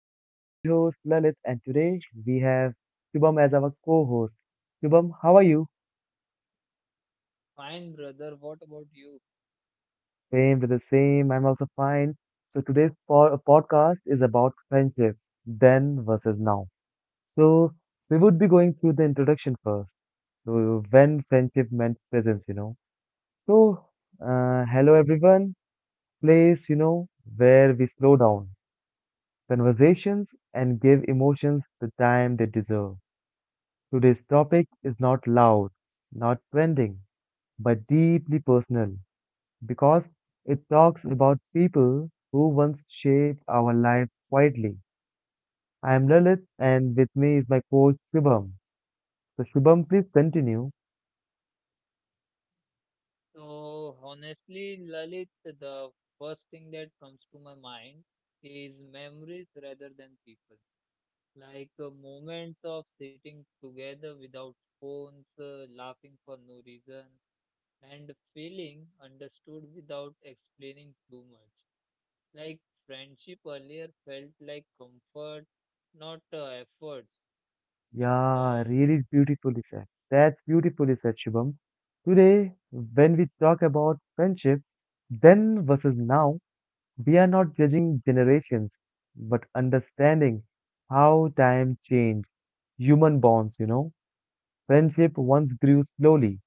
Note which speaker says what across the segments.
Speaker 1: I'm your lovely host Lalit, and today we have Shubham as our co-host. Shubham, how are you?
Speaker 2: Fine, brother. What about you?
Speaker 1: Same to the same. I'm also fine. So today's podcast is about friendship, then versus now. So we would be going through the introduction first. So when friendship meant presence, you know. So hello everyone. Place, you know, where we slow down conversations and give emotions the time they deserve. Today's topic is not loud, not trending, but deeply personal because it talks about people who once shaped our lives quietly. I am Lalit and with me is my coach Shubham. So Shubham, please continue.
Speaker 2: So, honestly, Lalit, the first thing that comes to my mind is memories rather than people. Like moments of sitting together without phones, laughing for no reason, and feeling understood without explaining too much. Like friendship earlier felt like comfort, not efforts. It's
Speaker 1: Yeah, really beautifully said. That's beautifully said, Shubham. Today, when we talk about friendship, then versus now, we are not judging generations, but understanding how time changed human bonds, you know. Friendship once grew slowly,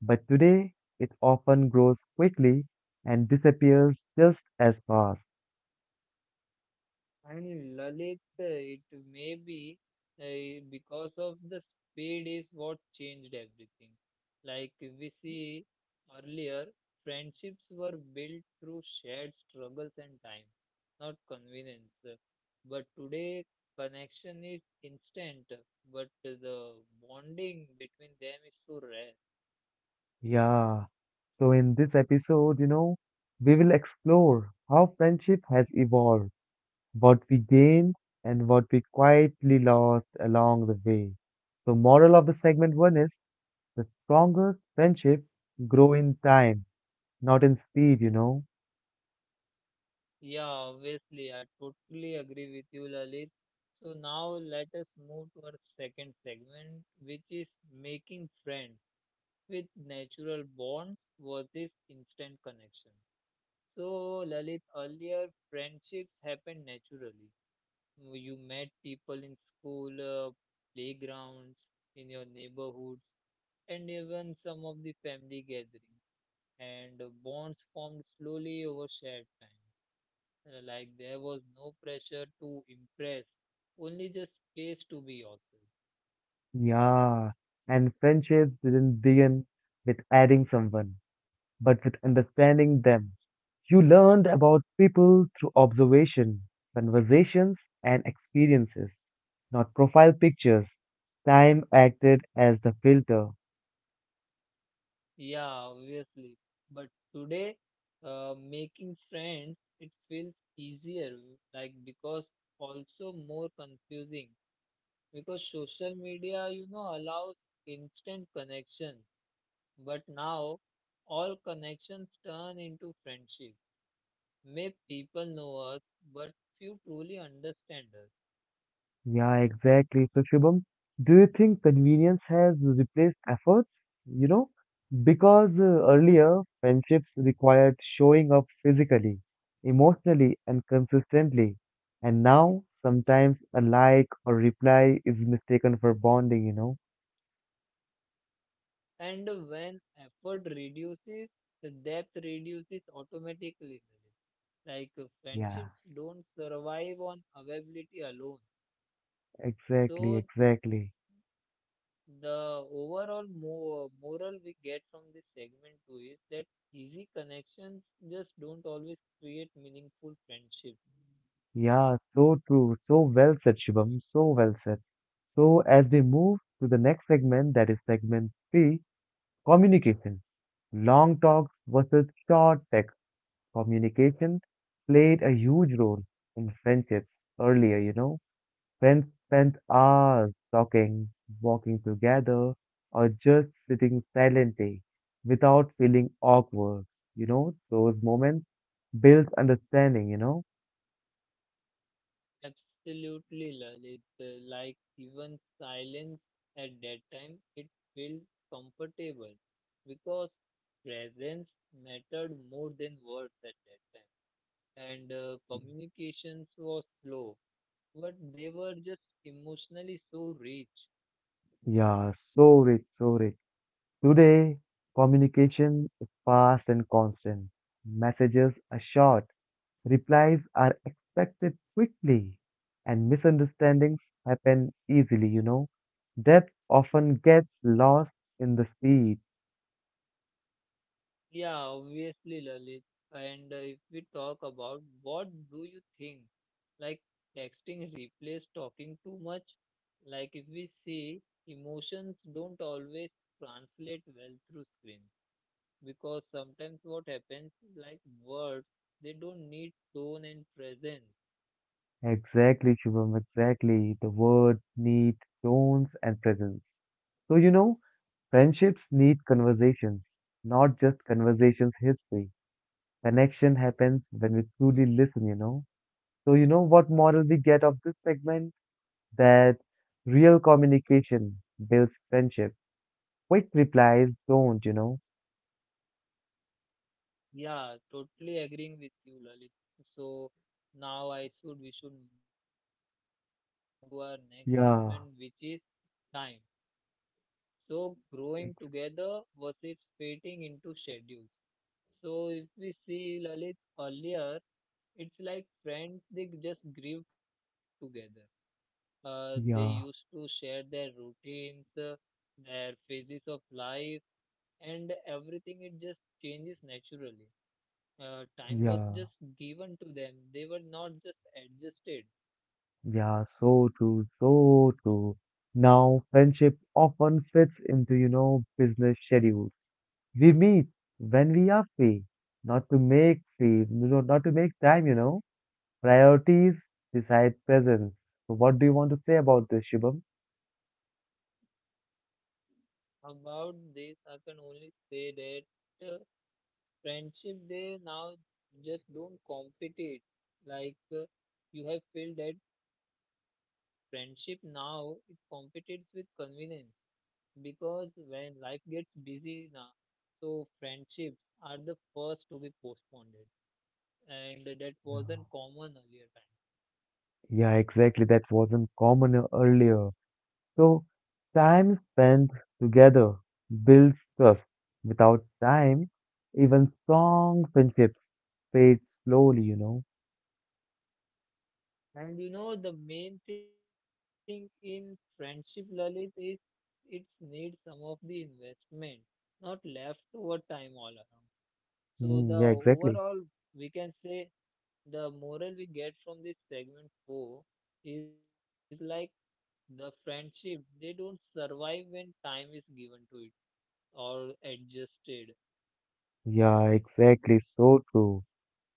Speaker 1: but today it often grows quickly and disappears just as fast.
Speaker 2: And Lalit, it may be because of the speed is what changed everything. Like we see earlier, friendships were built through shared struggles and time, not convenience. But today, connection is instant, but the bonding between them is so rare.
Speaker 1: Yeah. So, in this episode, you know, we will explore how friendship has evolved, what we gained, and what we quietly lost along the way. So, moral of the segment one is: the strongest friendships grow in time, not in speed, you know.
Speaker 2: Yeah, obviously, I totally agree with you, Lalit. So now let us move to our second segment, which is making friends with natural bonds versus instant connection. So, Lalit, earlier friendships happened naturally. Mm, you met people in school, playgrounds, in your neighborhoods, and even some of the family gatherings, and bonds formed slowly over shared time. Like there was no pressure to impress, only just space to be yourself.
Speaker 1: Yeah, and friendships didn't begin with adding someone, but with understanding them. You learned about people through observation, conversations, and experiences, not profile pictures. Time acted as the filter.
Speaker 2: Yeah, obviously. But today, making friends, it feels easier, like because also more confusing. Because social media, you know, allows instant connections. But now, all connections turn into friendship. May people know us, but few truly understand us.
Speaker 1: Yeah, exactly. So, Shubham, do you think convenience has replaced efforts? You know, because earlier friendships required showing up physically, emotionally, and consistently. And now, sometimes a like or reply is mistaken for bonding, you know?
Speaker 2: And when effort reduces, the depth reduces automatically. Lalit. Like
Speaker 1: Yeah,
Speaker 2: friendships don't survive on availability alone.
Speaker 1: exactly,
Speaker 2: So
Speaker 1: exactly.
Speaker 2: the overall moral we get from this segment too is that easy connections just don't always create meaningful friendships.
Speaker 1: Yeah, so true. So well said, Shubham. So well said. So, as we move to the next segment, that is segment three. Communication. Long talks versus short text. Communication played a huge role in friendships earlier, you know. Friends spent hours talking, walking together, or just sitting silently without feeling awkward, you know. Those moments built understanding, you know.
Speaker 2: Absolutely, Lalit. Like even silence at that time, it felt comfortable because presence mattered more than words at that time. And communications was slow, but they were just emotionally so rich.
Speaker 1: Yeah, so rich, so rich. Today, communication is fast and constant. Messages are short. Replies are expected quickly, and misunderstandings happen easily, you know. Depth often gets lost in the speed.
Speaker 2: Yeah, obviously, Lalit. And if we talk about what do you think, like texting replace talking too much? Like if we see emotions don't always translate well through screens because sometimes what happens is like words, they don't need tone and presence.
Speaker 1: Exactly, Shubham, exactly. The words need tones and presence. So, you know, friendships need conversations, not just conversations history. Connection happens when we truly listen, you know. So, you know what moral we get of this segment? That real communication builds friendship. Quick replies don't, you know.
Speaker 2: Yeah, totally agreeing with you, Lalit. So now I should we should move to our next segment, which
Speaker 1: Yeah,
Speaker 2: is time. So growing
Speaker 1: ex-
Speaker 2: together versus fitting into schedules. So if we see Lalit earlier, it's like friends, they just grew together. They
Speaker 1: yeah,
Speaker 2: used to share their routines, their phases of life, and everything. It just changes naturally.
Speaker 1: yeah,
Speaker 2: Time was just given to them. They were not just adjusted.
Speaker 1: yeah, so true, so true. Now, friendship often fits into, you know, business schedules. We meet when we are free, not to make free, you know, not to make time, you know. Priorities decide presence. So, what do you want to say about this, Shubham?
Speaker 2: About this, I can only say that friendship they now just don't compete it like you have felt that friendship now it competes with convenience because when life gets busy now, so friendships are the first to be postponed, and
Speaker 1: Yeah,
Speaker 2: that wasn't common earlier.
Speaker 1: yeah, exactly. That wasn't common earlier. So, time spent together builds trust. Without time, even strong friendships fade slowly, you know.
Speaker 2: Time and you know the main thing in friendship, Lalit, is it needs some of the investment, not leftover time all around. So
Speaker 1: Mm, yeah,
Speaker 2: the
Speaker 1: exactly.
Speaker 2: overall, we can say the moral we get from this segment four is like the friendship. They don't survive when time is given to it or adjusted.
Speaker 1: Yeah, exactly. So true.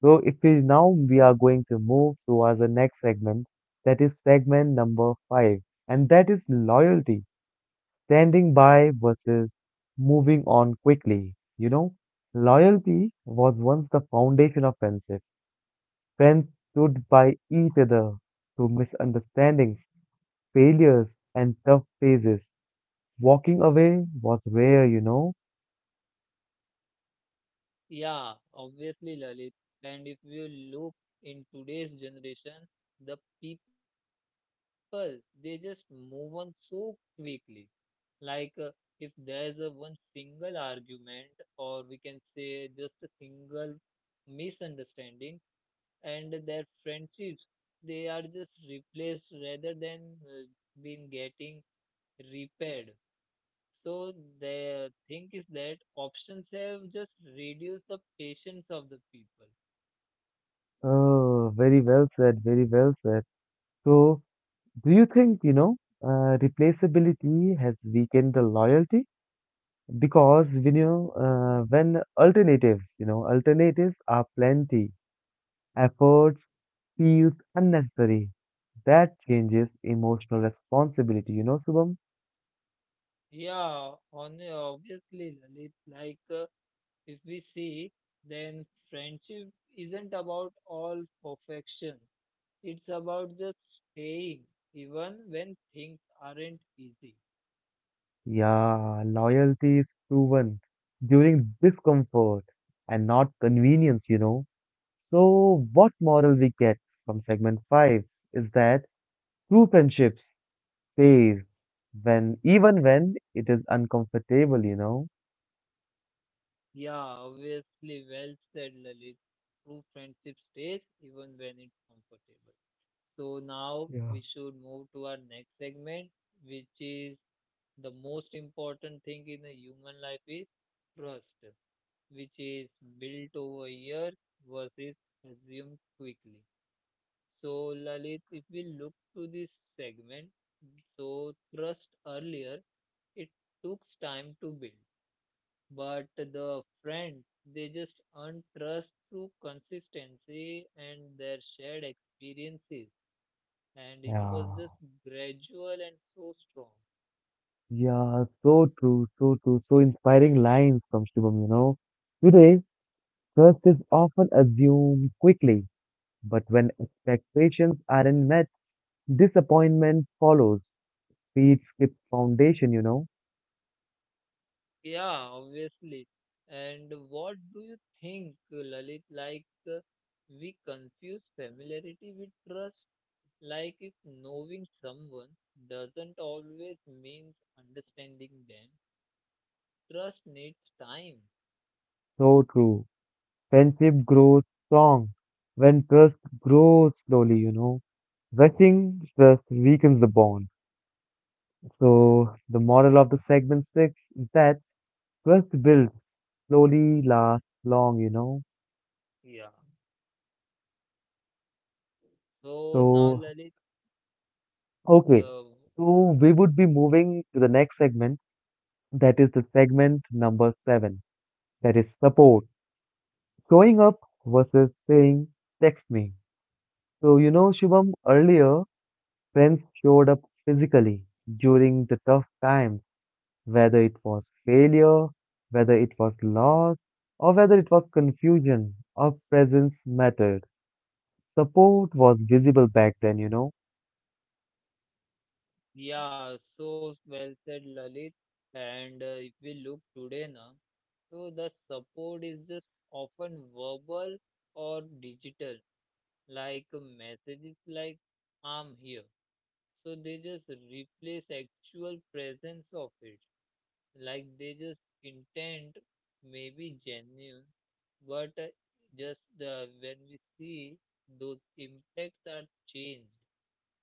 Speaker 1: So, if we now we are going to move towards the next segment, that is segment number five, and that is loyalty. Standing by versus moving on quickly. You know, loyalty was once the foundation of friendship. Friends stood by each other through misunderstandings, failures, and tough phases. Walking away was rare, you know.
Speaker 2: Yeah, obviously, Lalit. And if you look in today's generation,
Speaker 1: Oh, very well said, very well said. So, do you think, you know, replaceability has weakened the loyalty? Because when alternatives, you know, alternatives are plenty, efforts feels unnecessary. That changes emotional responsibility, you know, Subham. Yeah, loyalty is proven during discomfort and not convenience, you know. So, what moral we get from segment 5 is that true friendships stays when even when it is uncomfortable, you know. Yeah. Yeah. Yeah, so true, so true, so inspiring lines from Shubham, you know. Today, trust is often assumed quickly, but when expectations aren't met, disappointment follows. Feet skip foundation, you know. So true. Friendship grows strong when trust grows slowly, you know. Rushing trust weakens the bond. So the moral of the segment six is that trust builds slowly, lasts long, you know. So okay. So we would be moving to the next segment, that is the segment number seven, that is support. Showing up versus saying text me. So you know, Shubham, earlier friends showed up physically during the tough times, whether it was failure, whether it was loss, or whether it was confusion. Our presence mattered. Support was visible back then, you know.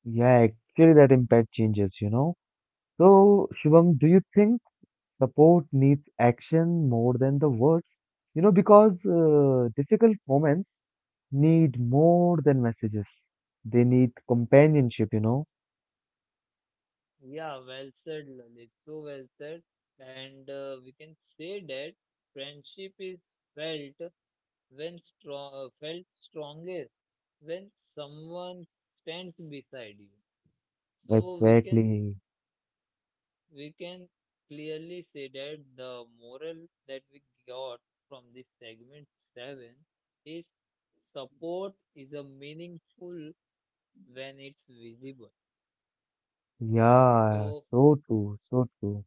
Speaker 1: Yeah, actually, that impact changes, you know. So, Shivam, do you think support needs action more than the words? You know, because difficult moments need more than messages. They need companionship, you know. Exactly. Yeah, so true, so true.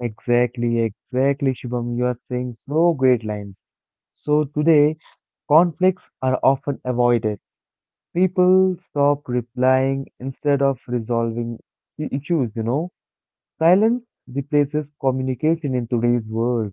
Speaker 1: Exactly, exactly, Shubham. You are saying so great lines. So today, conflicts are often avoided. People stop replying instead of resolving issues, you know. Silence replaces communication in today's world.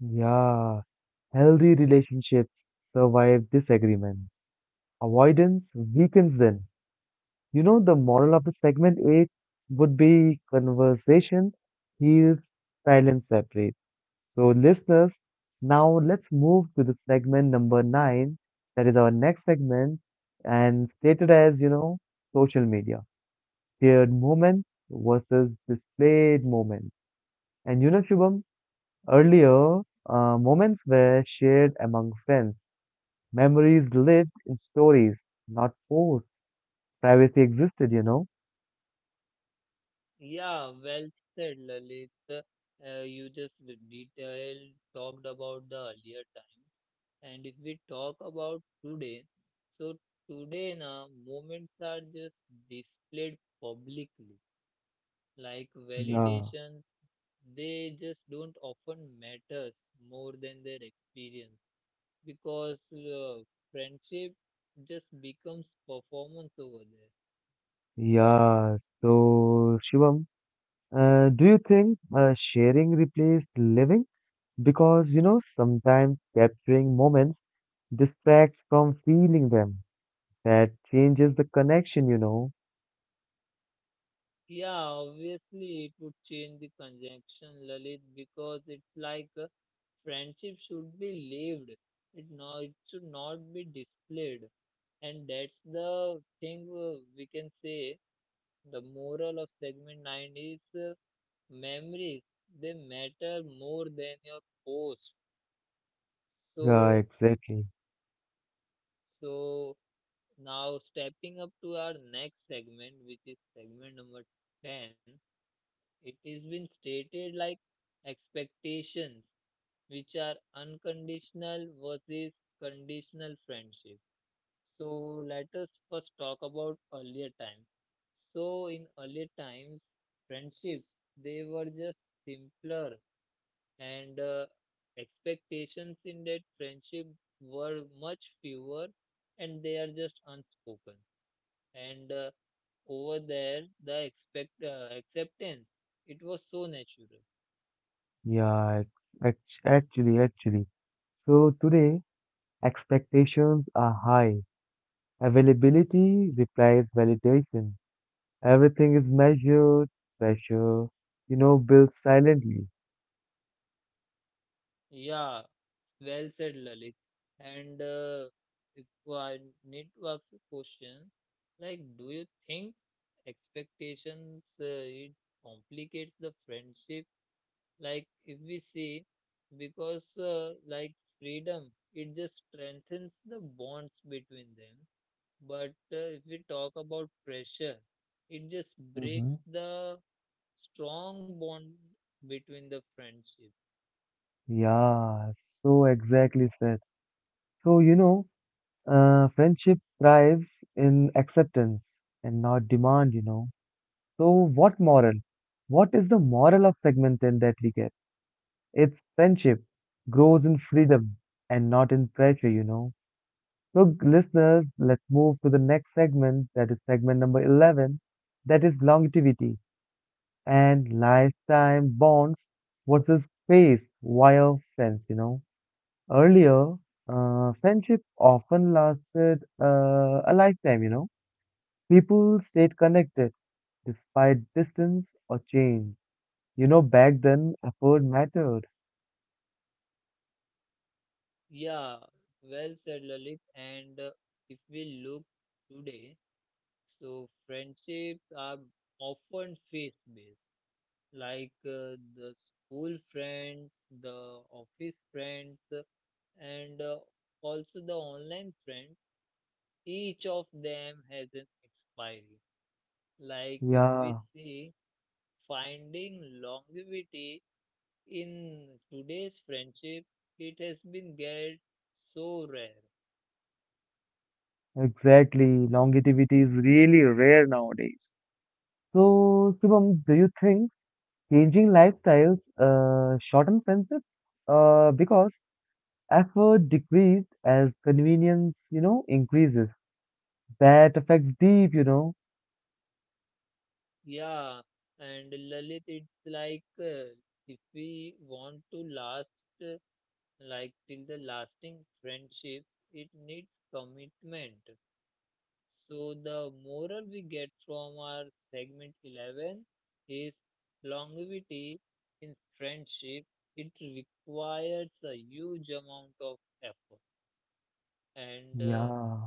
Speaker 1: Yeah, healthy relationships survive disagreements. Avoidance weakens them. You know, the moral of the segment 8 would be conversation heals, silence separates. So, listeners, now let's move to the segment number 9, that is our next segment, and stated as, you know, social media. Shared moments versus displayed moments. And you know, Shubham, earlier, moments were shared among friends. Memories lived in stories, not posts. Privacy existed, you know. Yeah. Yeah, so Shivam, do you think sharing replaced living? Because, you know, sometimes capturing moments distracts from feeling them. That changes the connection, you know. Yeah, exactly. Yeah, actually. So today, expectations are high. Availability replies validation. Everything is measured, pressure, you know, built silently. Mhm. Yeah, so exactly said. So, you know, friendship thrives in acceptance and not demand, you know. So, what moral? What is the moral of segment 10 that we get? It's friendship grows in freedom and not in pressure, you know. So, listeners, let's move to the next segment, that is segment number 11, that is longevity and lifetime bonds versus space via friends, you know. Earlier, friendship often lasted a lifetime, you know. People stayed connected despite distance or change. You know, back then, effort mattered. Yeah, exactly. Longevity is really rare nowadays. So, Shubham, do you think changing lifestyles shorten friendships? Because effort decreased as convenience, you know, increases. That affects deep, you know. Yeah,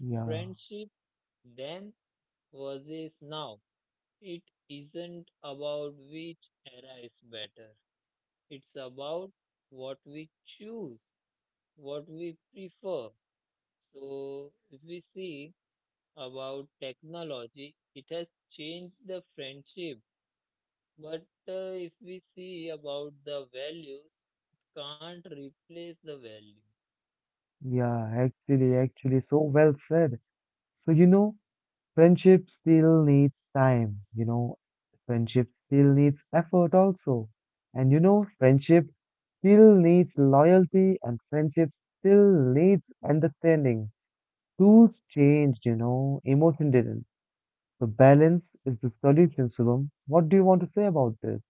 Speaker 1: yeah. Yeah, actually, actually, so well said. So, you know, friendship still needs time, you know, friendship still needs effort also. And you know, friendship still needs loyalty and friendship still needs understanding. Tools changed, you know, emotion didn't. So balance is the solution, Shubham. What do you want to say about this?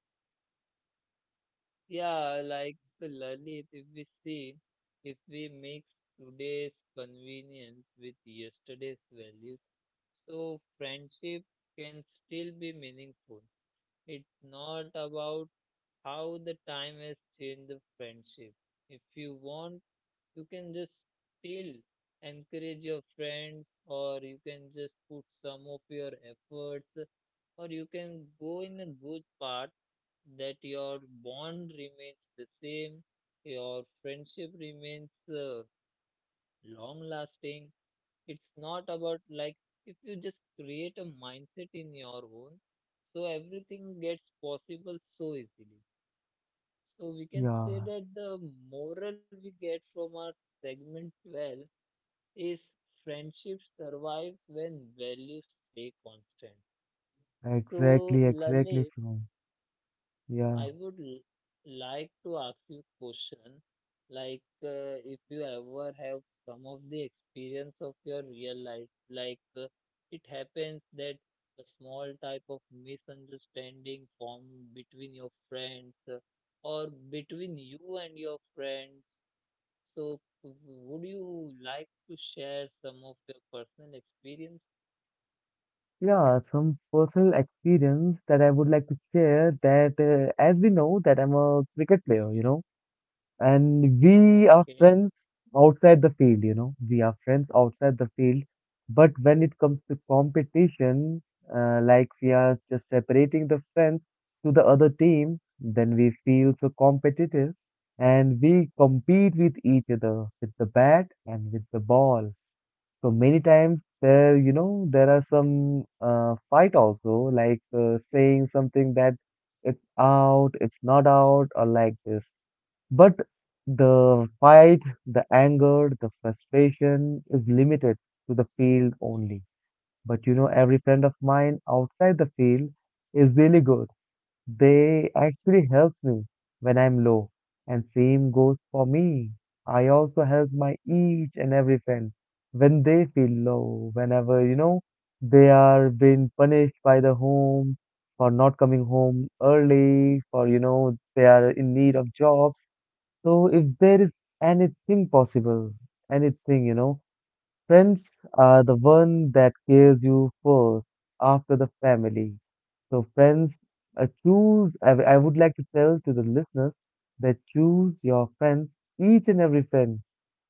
Speaker 1: Yeah, exactly, exactly, Shubham. Yeah. Yeah, some personal experience that I would like to share that as we know that I'm a cricket player, you know, and we are friends outside the field, you know, we are friends outside the field. But when it comes to competition, like we are just separating the friends to the other team, then we feel so competitive and we compete with each other with the bat and with the ball. So many times there, you know, there are some fight also, like saying something that it's out, it's not out, or like this. But the fight, the anger, the frustration is limited to the field only. But you know, every friend of mine outside the field is really good. They actually help me when I'm low, and same goes for me. I also help my each and every friend when they feel low, whenever, you know, they are being punished by the home for not coming home early, for, you know, they are in need of job. So if there is anything possible, anything, you know, friends are the one that cares you first after the family. So friends, I would like to tell to the listeners that choose your friends, each and every friend,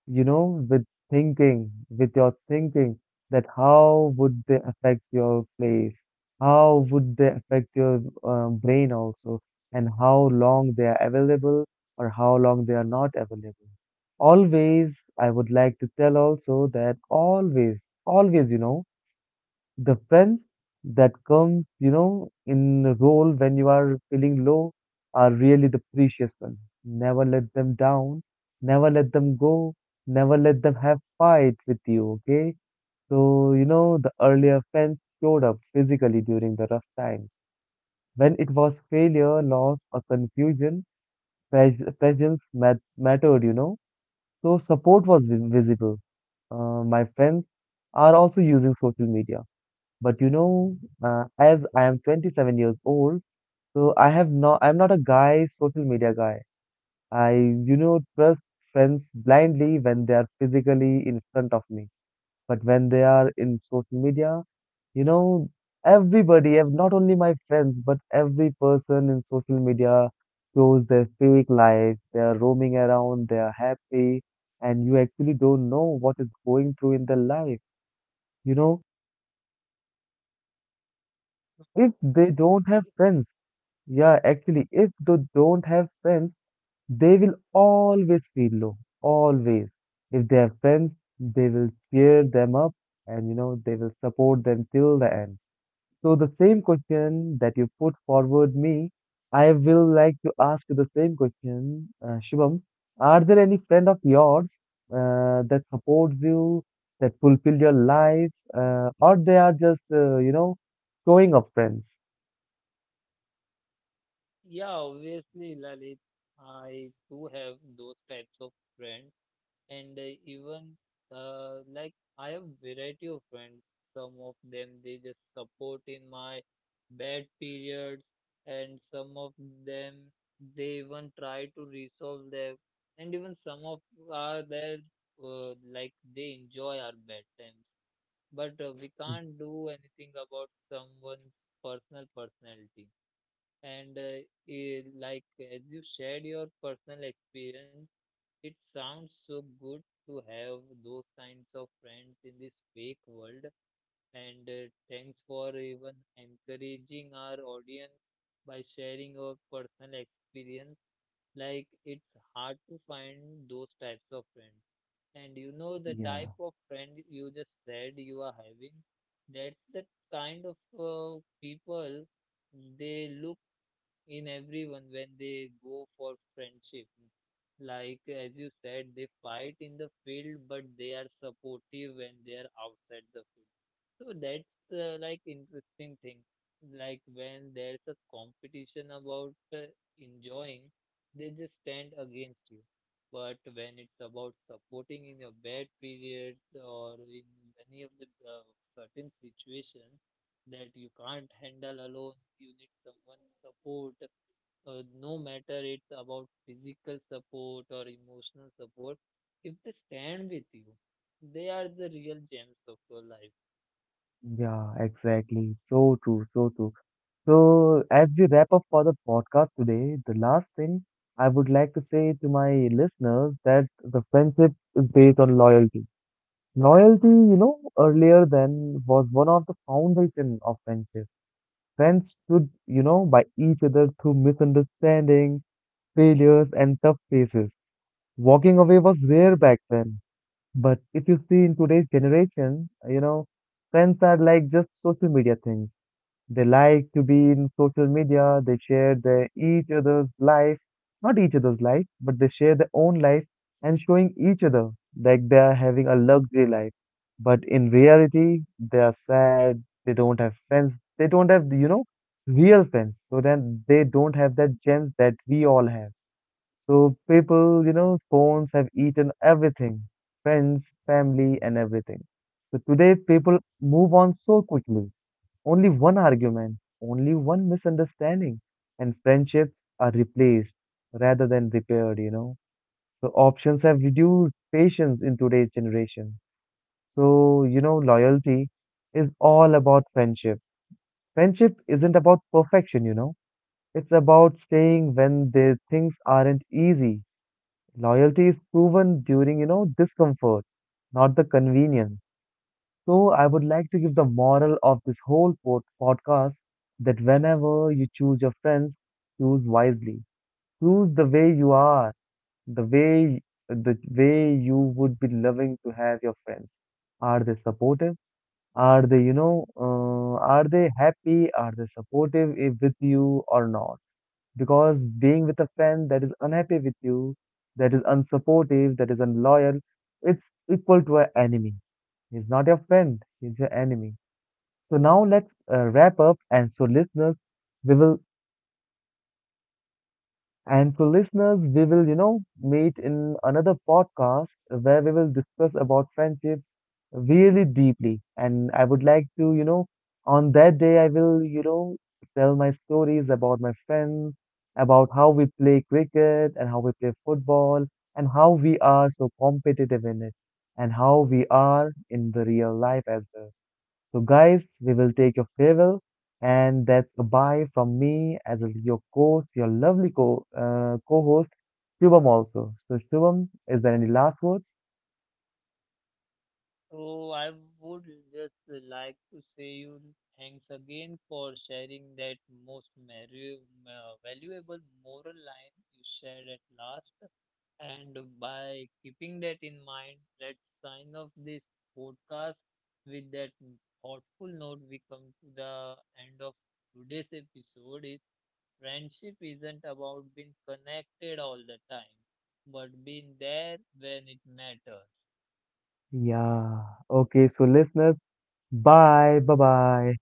Speaker 1: you know, with thinking, with your thinking that how would they affect your place? How would they affect your brain also? And how long they are available or how long they are not available? Always, I would like to tell also that always, always, you know, the friends that comes, you know, in a role when you are feeling low are really the precious ones. Never let them down. Never let them go. Never let them have fight with you, okay? So, you know, the earlier friends showed up physically during the rough times. When it was failure, loss, or confusion, presence mattered, you know? So support was visible. My friends are also using social media but you know, as I am 27 years old, so I'm not a guy, social media guy. I, you know, trust friends blindly when they are physically in front of me. But when they are in social media, you know, everybody, not only my friends, but every person in social media shows their fake life. They are roaming around, they are happy, and you actually don't know what is going through in their life. You know, if they don't have friends, Yeah, actually, if they don't have friends, they will always feel low. Always. If they have friends, they will cheer them up, and they will support them till the end. So the same question that you put forward me, I will like to ask you the same question, Shubham. Are there any friend of yours that supports you, that fulfill your life, or they are just showing up friends? Yeah. Yeah, exactly. So true, so true. So, as we wrap up for the podcast today, the last thing I would like to say to my listeners that the friendship is based on loyalty. Loyalty, earlier then was one of the foundation of friendship. Friends stood, by each other through misunderstanding, failures, and tough phases. Walking away was rare back then. But if you see in today's generation, friends are like just social media things. They like to be in social media. They share their each other's life, not each other's life, but they share their own life and showing each other like they are having a luxury life. But in reality, they are sad. They don't have friends. They don't have, real friends. So then they don't have that gems that we all have. So people, phones have eaten everything: friends, family, and everything. So today people move on so quickly. Only one argument, only one misunderstanding, and friendships are replaced rather than repaired. So options have reduced patience in today's generation. So, loyalty is all about friendship. Friendship isn't about perfection. It's about staying when the things aren't easy. Loyalty is proven during, discomfort, not the convenience. So, I would like to give the moral of this whole podcast that whenever you choose your friends, choose wisely. Choose the way you are, the way the way you would be loving to have your friends. Are they supportive? Are they, are they happy? Are they supportive with you or not? Because being with a friend that is unhappy with you, that is unsupportive, that is unloyal, it's equal to an enemy. He's not your friend, he's your enemy. So now let's wrap up, and so we will listeners, we will, meet in another podcast where we will discuss about friendship really deeply. And I would like to, on that day I will, tell my stories about my friends, about how we play cricket and how we play football and how we are so competitive in it and how we are in the real life as well. So, guys, we will take your farewell, and that's goodbye from me as your host, your lovely co co-host, Shubham also. So, Shubham, is there any last words? Yeah. Okay. So, listeners, bye, bye, bye.